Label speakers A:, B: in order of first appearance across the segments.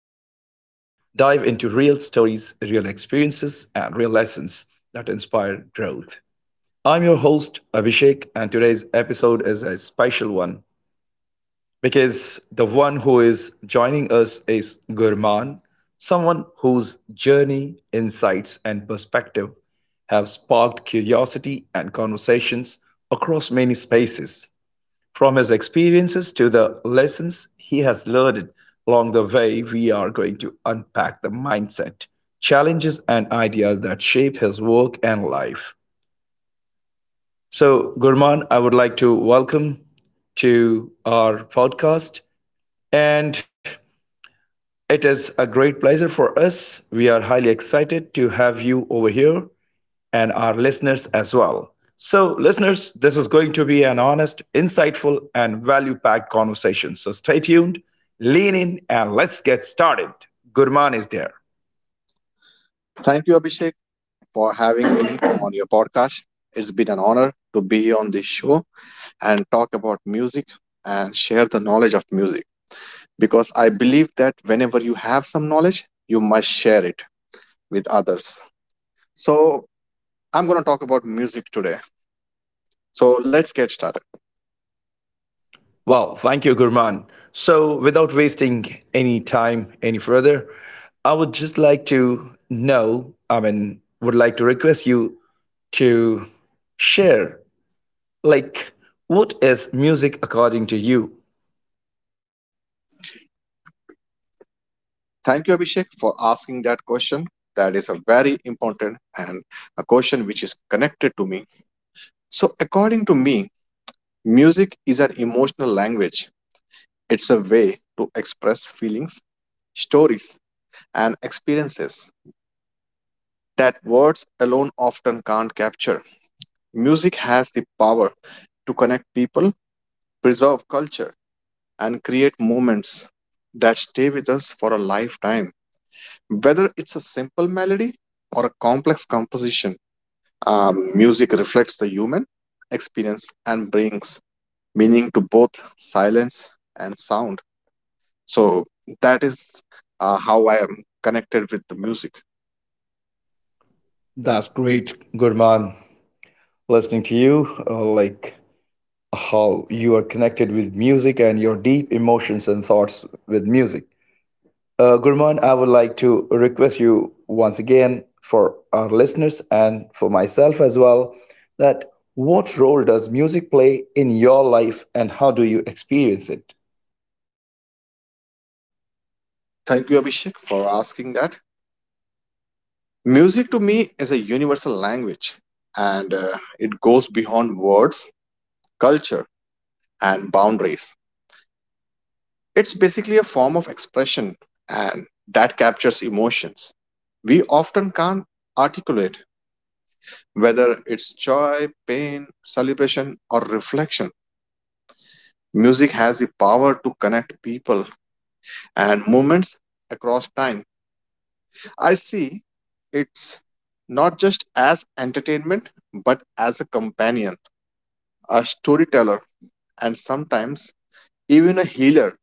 A: dive into real stories, real experiences, and real lessons that inspire growth. I'm your host Abhishek, and today's episode is a special one because the one who is joining us is Gurman, someone whose journey, insights, and perspective have sparked curiosity and conversations across many spaces. From his experiences to the lessons he has learned along the way, we are going to unpack the mindset, challenges, and ideas that shape his work and life. So, Gurman, I would like to welcome to our podcast. And it is a great pleasure for us. We are highly excited to have you over here and our listeners as well. So, listeners, this is going to be an honest, insightful, and value packed conversation. So, stay tuned, lean in, and let's get started. Gurman is there.
B: Thank you, Abhishek, for having me on your podcast. It's been an honor to be on this show and talk about music and share the knowledge of music because I believe that whenever you have some knowledge, you must share it with others. So, I'm going to talk about music today. So, let's get started.
A: Well, thank you, Gurman. So, without wasting any time any further, I would just like to know, I mean, would like to request you to share. Like, what is music according to you?
B: Thank you, Abhishek, for asking that question. That is a very important and a question which is connected to me. So, according to me, music is an emotional language. It's a way to express feelings, stories, and experiences that words alone often can't capture. Music has the power to connect people, preserve culture, and create moments that stay with us for a lifetime. Whether it's a simple melody or a complex composition, music reflects the human experience and brings meaning to both silence and sound. So that is how I am connected with the music.
A: That's
B: That's great.
A: great, Gurman. Listening to you, like how you are connected with music and your deep emotions and thoughts with music. Gurman, I would like to request you once again for our listeners and for myself as well that what role does music play in your life and how do you experience it?
B: Thank you, Abhishek, for asking that. Music to me is a universal language, and it goes beyond words, culture, and boundaries. It's basically a form of expression and that captures emotions. We often can't articulate whether it's joy, pain, celebration, or reflection. Music has the power to connect people and moments across time. I see it's not just as entertainment, but as a companion, a storyteller, and sometimes even a healer.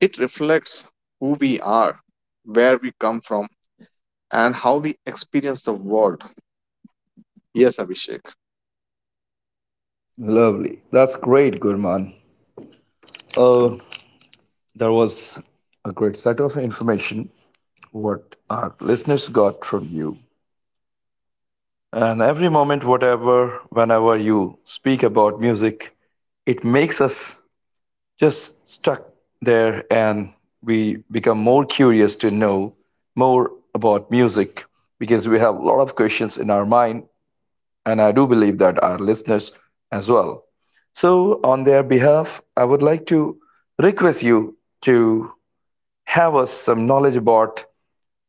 B: It reflects who we are, where we come from, and how we experience the world. Yes, Abhishek.
A: Lovely. That's great, Gurman. Uh, There was a great set of information what our listeners got from you. And every moment, whatever, whenever you speak about music, it makes us just stuck there and we become more curious to know more about music because we have a lot of questions in our mind. And I do believe that our listeners as well. So, on their behalf, I would like to request you to have us some knowledge about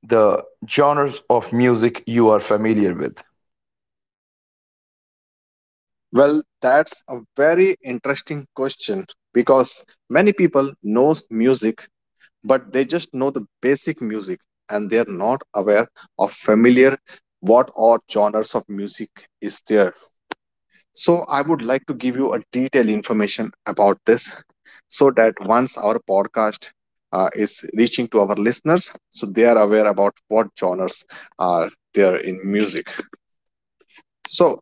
A: the genres of music you are familiar with.
B: Well, that's a very interesting question because many people knows music, but they just know the basic music and they are not aware of familiar what or genres of music is there. So I would like to give you a detailed information about this so that once our podcast is reaching to our listeners, so they are aware about what genres are there in music. So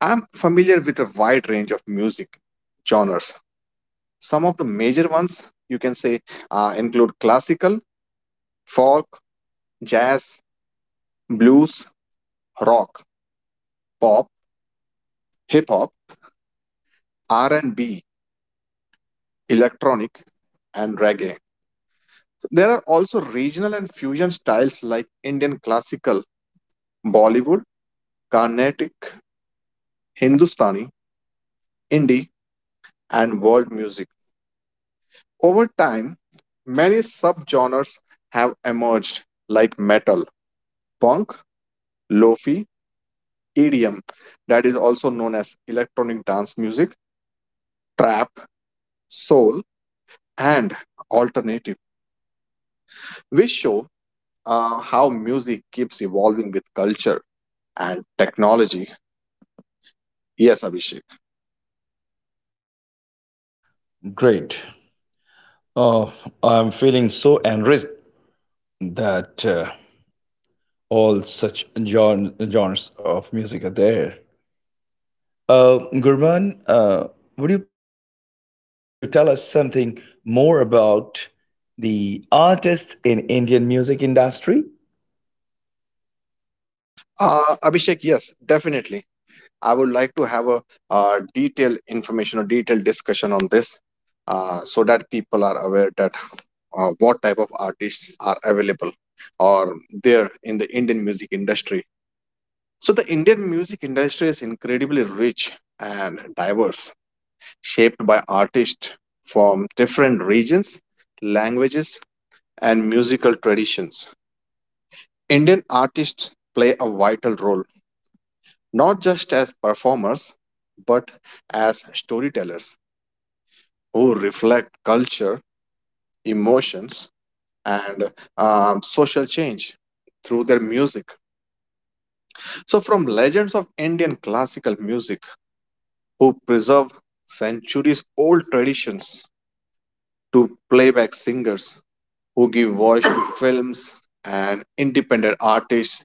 B: I'm familiar with a wide range of music genres. Some of the major ones, you can say, include classical, folk, jazz, Blues, rock, pop, hip hop, R&B, electronic, and reggae. There are also regional and fusion styles like Indian classical, Bollywood, Carnatic, Hindustani, Indie, and world music. Over time, many subgenres have emerged like metal, punk, lofi, EDM, that is also known as electronic dance music, trap, soul, and alternative. We show how music keeps evolving with culture and technology. Yes, Abhishek.
A: Great. Oh, I'm feeling so enriched that all such genres of music are there. Gurman, would you please like to tell us something more about the artists in Indian music industry?
B: Abhishek, yes, definitely. I would like to have a detailed information or detailed discussion on this, so that people are aware that what type of artists are available or there in the Indian music industry. So, the Indian music industry is incredibly rich and diverse, shaped by artists from different regions, languages, and musical traditions. Indian artists play a vital role, not just as performers, but as storytellers who reflect culture, emotions, and social change through their music. So, from legends of Indian classical music who preserve centuries old traditions to playback singers who give voice to films and independent artists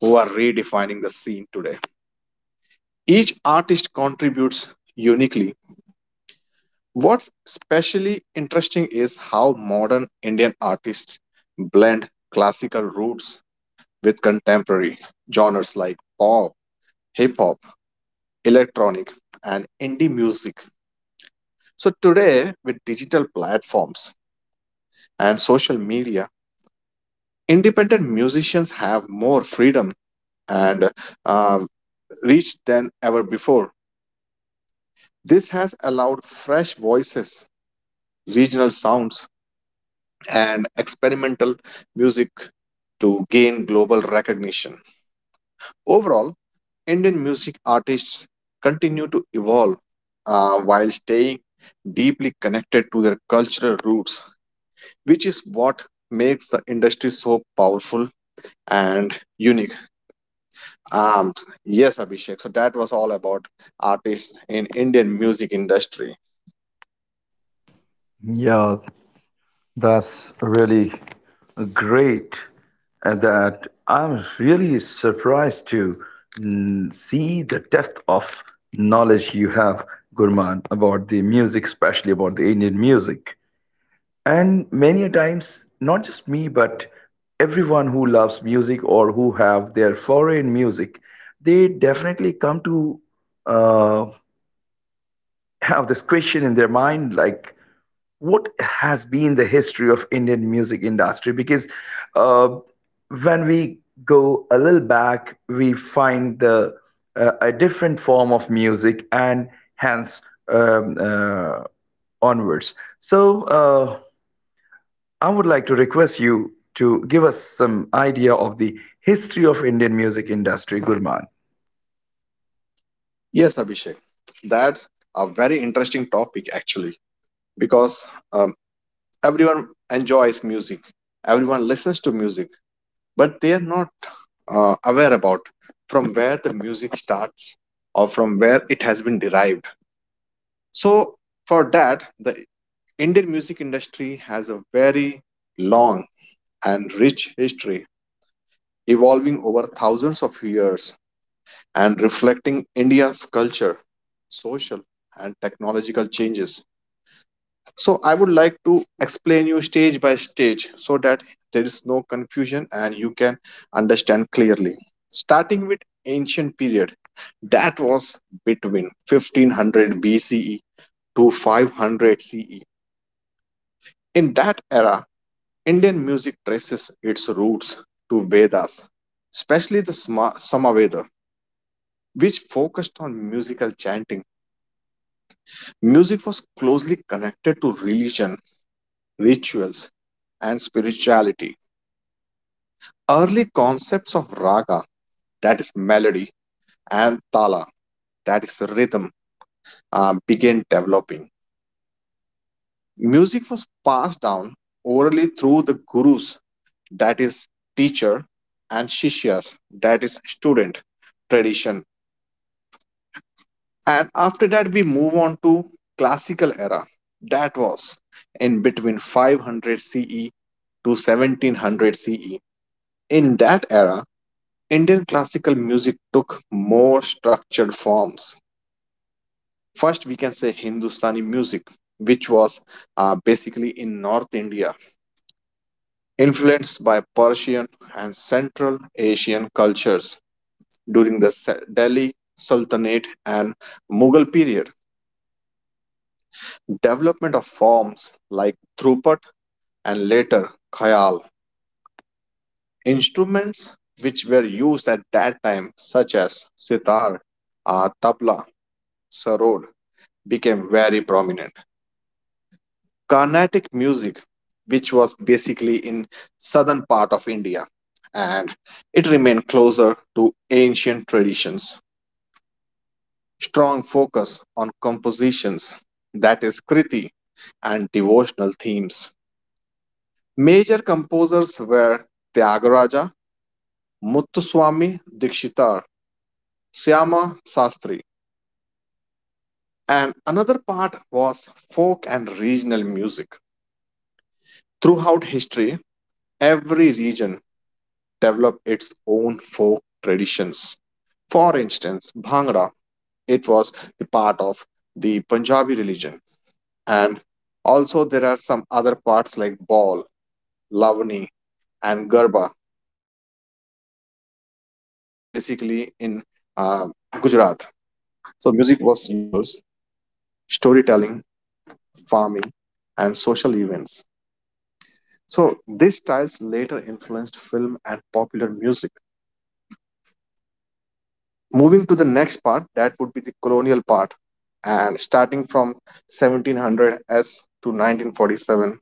B: who are redefining the scene today. Each artist contributes uniquely. What's especially interesting is how modern Indian artists blend classical roots with contemporary genres like pop, hip hop, electronic, and indie music. So, today, with digital platforms and social media, independent musicians have more freedom and uh, reach than ever before. This has allowed fresh voices, regional sounds, and experimental music to gain global recognition. Overall, Indian music artists continue to evolve while staying deeply connected to their cultural roots, which is what makes the industry so powerful and unique. Um, yes, Abhishek. So that was all about artists in Indian music industry.
A: Yeah, that's really great, and that I'm really surprised to see the depth of knowledge you have, Gurman, about the music, especially about the Indian music. And many a times, not just me, but everyone who loves music or who have their foreign music, they definitely come to uh, have this question in their mind like what has been the history of indian music industry because uh, when we go a little back we find the a different form of music and hence onwards. So uh, I would like to request you to give us some idea of the history of indian music industry, gurman.
B: Yes, Abhishek. That's a very interesting topic actually, because um, everyone enjoys music, everyone listens to music, but they are not aware about from where the music starts or from where it has been derived. So for that, the Indian music industry has a very long and rich history, evolving over thousands of years and reflecting India's culture, social, and technological changes. So I would like to explain you stage by stage so that there is no confusion and you can understand clearly. Starting with ancient period, that was between 1500 BCE to 500 CE. In that era, Indian music traces its roots to Vedas, especially the Samaveda, which focused on musical chanting. Music was closely connected to religion, rituals, and spirituality. Early concepts of raga, that is melody, and tala, that is rhythm, began developing. Music was passed down orally through the gurus, that is teacher, and shishyas, that is student tradition. And after that, we move on to classical era, that was in between 500 CE to 1700 CE. In that era, Indian classical music took more structured forms. First, we can say Hindustani music, which was basically in North India, influenced by Persian and Central Asian cultures during the Delhi Sultanate and Mughal period. Development of forms like thrupat and later khayal. Instruments which were used at that time, such as sitar, tabla, sarod, became very prominent. Carnatic music, which was basically in southern part of India, and it remained closer to ancient traditions. Strong focus on compositions, that is Kriti, and devotional themes. Major composers were Tyagaraja, Muthuswami Dikshitar, Syama Sastri, and another part was folk and regional music. Throughout history, every region developed its own folk traditions. For instance, Bhangra, it was the part of the Punjabi religion. And also there are some other parts like Ball, Lavani, and Garba. Garba was basically in uh, Gujarat. So music was used in festivals, storytelling, farming, and social events. So these styles later influenced film and popular music. Moving to the next part, that would be the colonial part, and starting from 1700s to 1947.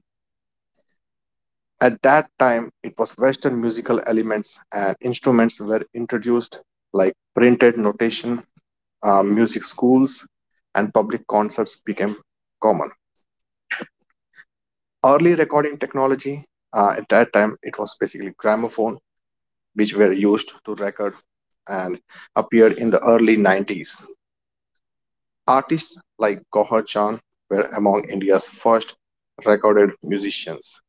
B: At that time, it was Western musical elements and instruments were introduced, like printed notation, music schools, and public concerts became common. Early recording technology, at that time, it was basically gramophone, which were used to record and appeared in the early 90s. Artists like Gauhar Chand were among India's first recorded musicians.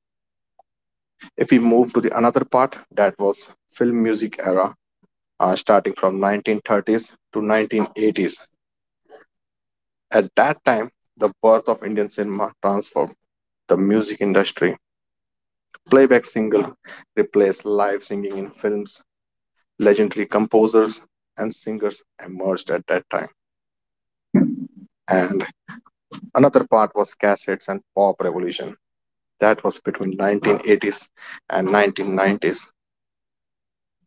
B: If we move to the another part, that was film music era, starting from 1930s to 1980s. At that time, the birth of Indian cinema transformed the music industry. Playback single replaced live singing in films. Legendary composers and singers emerged at that time. And another part was cassettes and pop revolution. That was between 1980s and 1990s.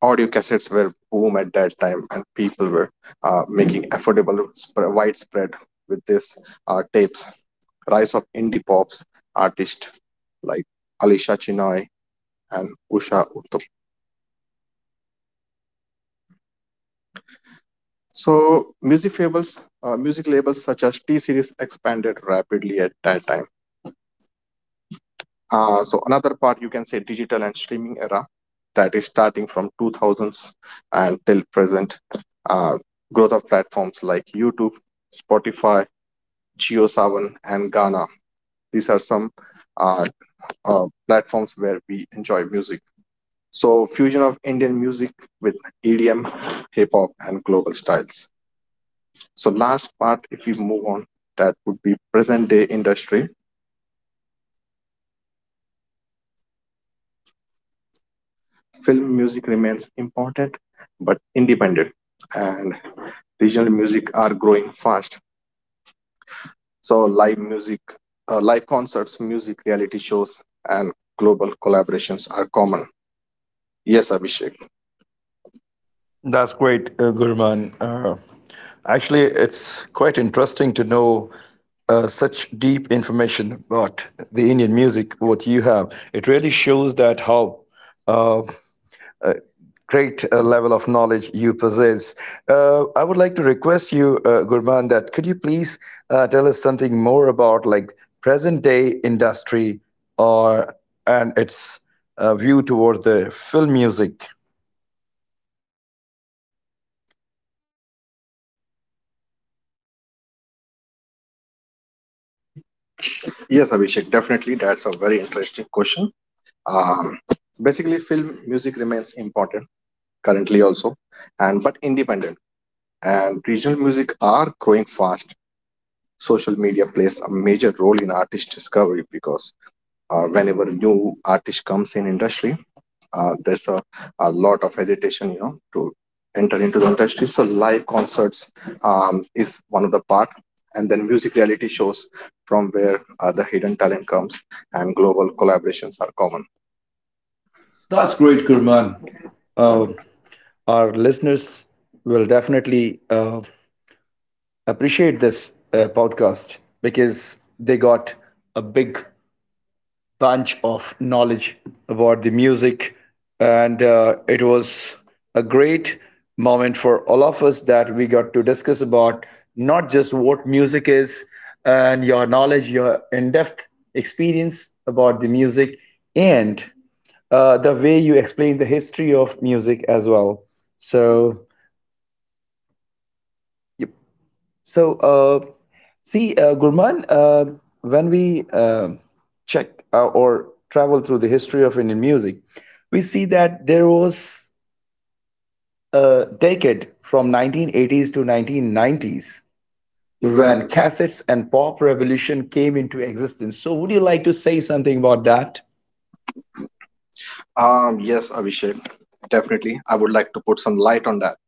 B: Audio cassettes were boom at that time, and people were making affordable, widespread with these tapes. Rise of indie pops artists like Alisha Chinoy and Usha Uthup. So music labels such as T Series expanded rapidly at that time. So another part, you can say, digital and streaming era, that is starting from 2000s and till present. uh, Growth of platforms like YouTube, Spotify, geo7, and Ghana. These are some uh, platforms where we enjoy music. So fusion of Indian music with EDM, hip hop, and global styles. So last part, if we move on, that would be present day industry. Film music remains important, but independent, and regional music are growing fast. So live music, live concerts, music reality shows, and global collaborations are common. Yes, Abhishek.
A: That's great, Gurman. Actually, it's quite interesting to know such deep information about the Indian music, what you have. It really shows that how uh, uh, great level of knowledge you possess. I would like to request you, Gurman, that could you please tell us something more about like present day industry or and its view towards the film music.
B: Yes, Abhishek, definitely. That's a very interesting question. Um, Basically, film music remains important currently also, and but independent. And regional music are growing fast. Social media plays a major role in artist discovery because whenever new artist comes in industry, there's a lot of hesitation to enter into the industry. So live concerts is one of the part, and then music reality shows, from where the hidden talent comes, and global collaborations are common.
A: That's
B: That's
A: great,
B: great, Gurman.
A: Gurman.
B: Um,
A: Uh, our listeners will definitely appreciate this podcast because they got a big bunch of knowledge about the music, and it was a great moment for all of us that we got to discuss about not just what music is and your knowledge, your in depth experience about the music, and the way you explain the history of music as well. So, so, see, Gurman, when we check or travel through the history of Indian music, we see that there was a decade from 1980s to 1990s when
B: Gurman, can-
A: cassettes and pop revolution came into existence. So, would you like to say something about that?
B: yes, Abhishek, definitely. I would like to put some light on that.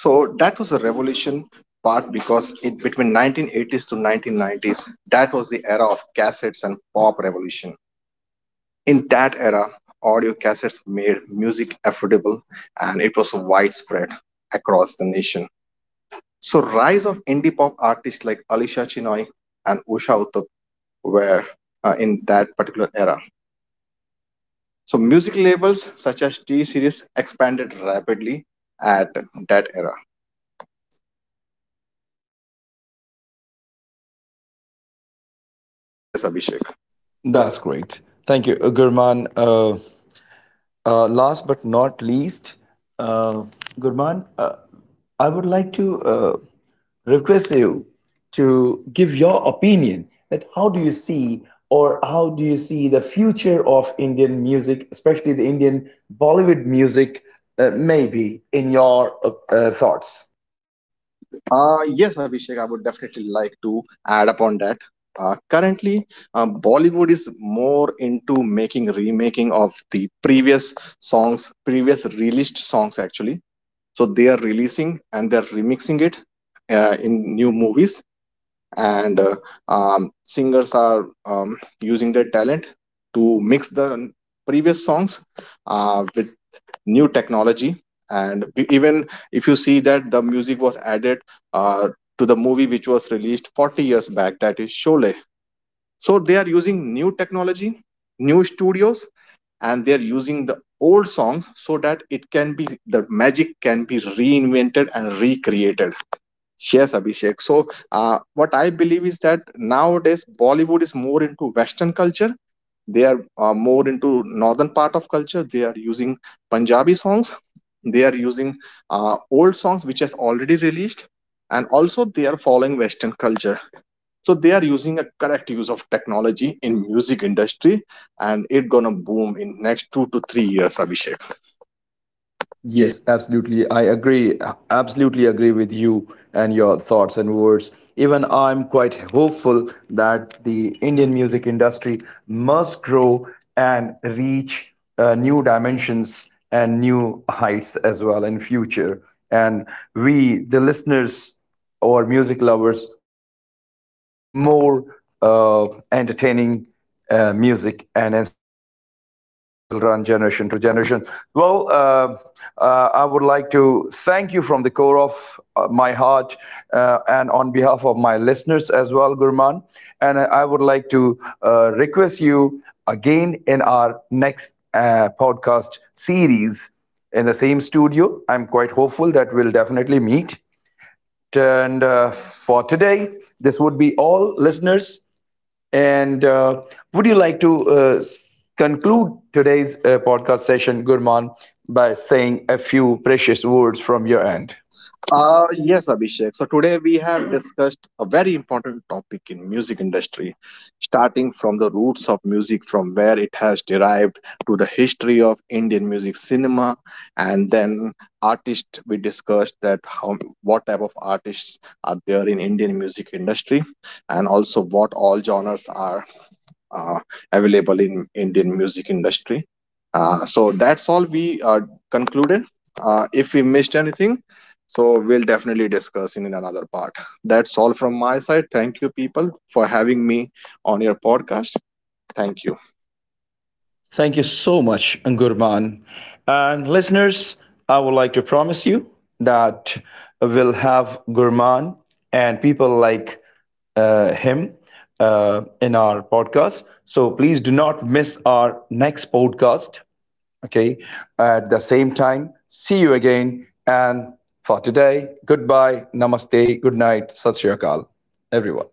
B: So that was a revolution part, because it between 1980s to 1990s, that was the era of cassettes and pop revolution. In that era, audio cassettes made music affordable and it was widespread across the nation. So rise of indie pop artists like Alisha Chinoy and Usha Uthup were in that particular era. So music labels such as T Series expanded rapidly at that era. Yes, Abhishek.
A: That's
B: That's
A: great. Thank you, Gurman. Last but not least, uh, Gurman, I would like to request you to give your opinion that how do you see or how do you see the future of Indian music, especially the Indian Bollywood music, maybe in your thoughts?
B: Yes, Abhishek, I would definitely like to add upon that. Currently, Bollywood is more into making remaking of the previous songs, previous released songs actually. So they are releasing and they're remixing it in new movies, and singers are using their talent to mix the previous songs with new technology, and even if you see that the music was added uh, to the movie which was released 40 years back, that is Sholay. So they are using new technology, new studios, and they are using the old songs so that it can be the magic can be reinvented and recreated. Yes, Abhishek. So what I believe is that nowadays Bollywood is more into western culture. They are more into northern part of culture. They are using Punjabi songs. They are using old songs which has already released, and also they are following western culture. So they are using a correct use of technology in music industry, and it gonna boom in next 2 to 3 years, Abhishek.
A: Yes, absolutely. I agree. Absolutely agree with you and your thoughts and words. Even I'm quite hopeful that the Indian music industry must grow and reach new dimensions and new heights as well in future. And we, the listeners or music lovers, will have more entertaining music and inspiring music which will run generation to generation. Well, I would like to thank you from the core of my heart and on behalf of my listeners as well, Gurman. And I would like to request you again in our next podcast series in the same studio. I'm quite hopeful that we'll definitely meet. And for today, this would be all, listeners. And would you like to conclude today's podcast session, Gurman, by saying a few precious words from your end?
B: Yes, Abhishek. So today we have discussed a very important topic in music industry, starting from the roots of music, from where it has derived to the history of Indian music cinema, and then artists. We discussed that how what type of artists are there in Indian music industry, and also what all genres are uh, available in Indian music industry. So that's all we concluded. If we missed anything, so we'll definitely discuss in another part. That's all from my side. Thank you, people, for having me on your podcast. Thank you.
A: Thank you so much, Gurman. And listeners, I would like to promise you that we'll have Gurman and people like him in our podcast. So please do not miss our next podcast. Okay. At the same time, see you again. And for today, goodbye, namaste, good night, Sat Sri Akal, everyone.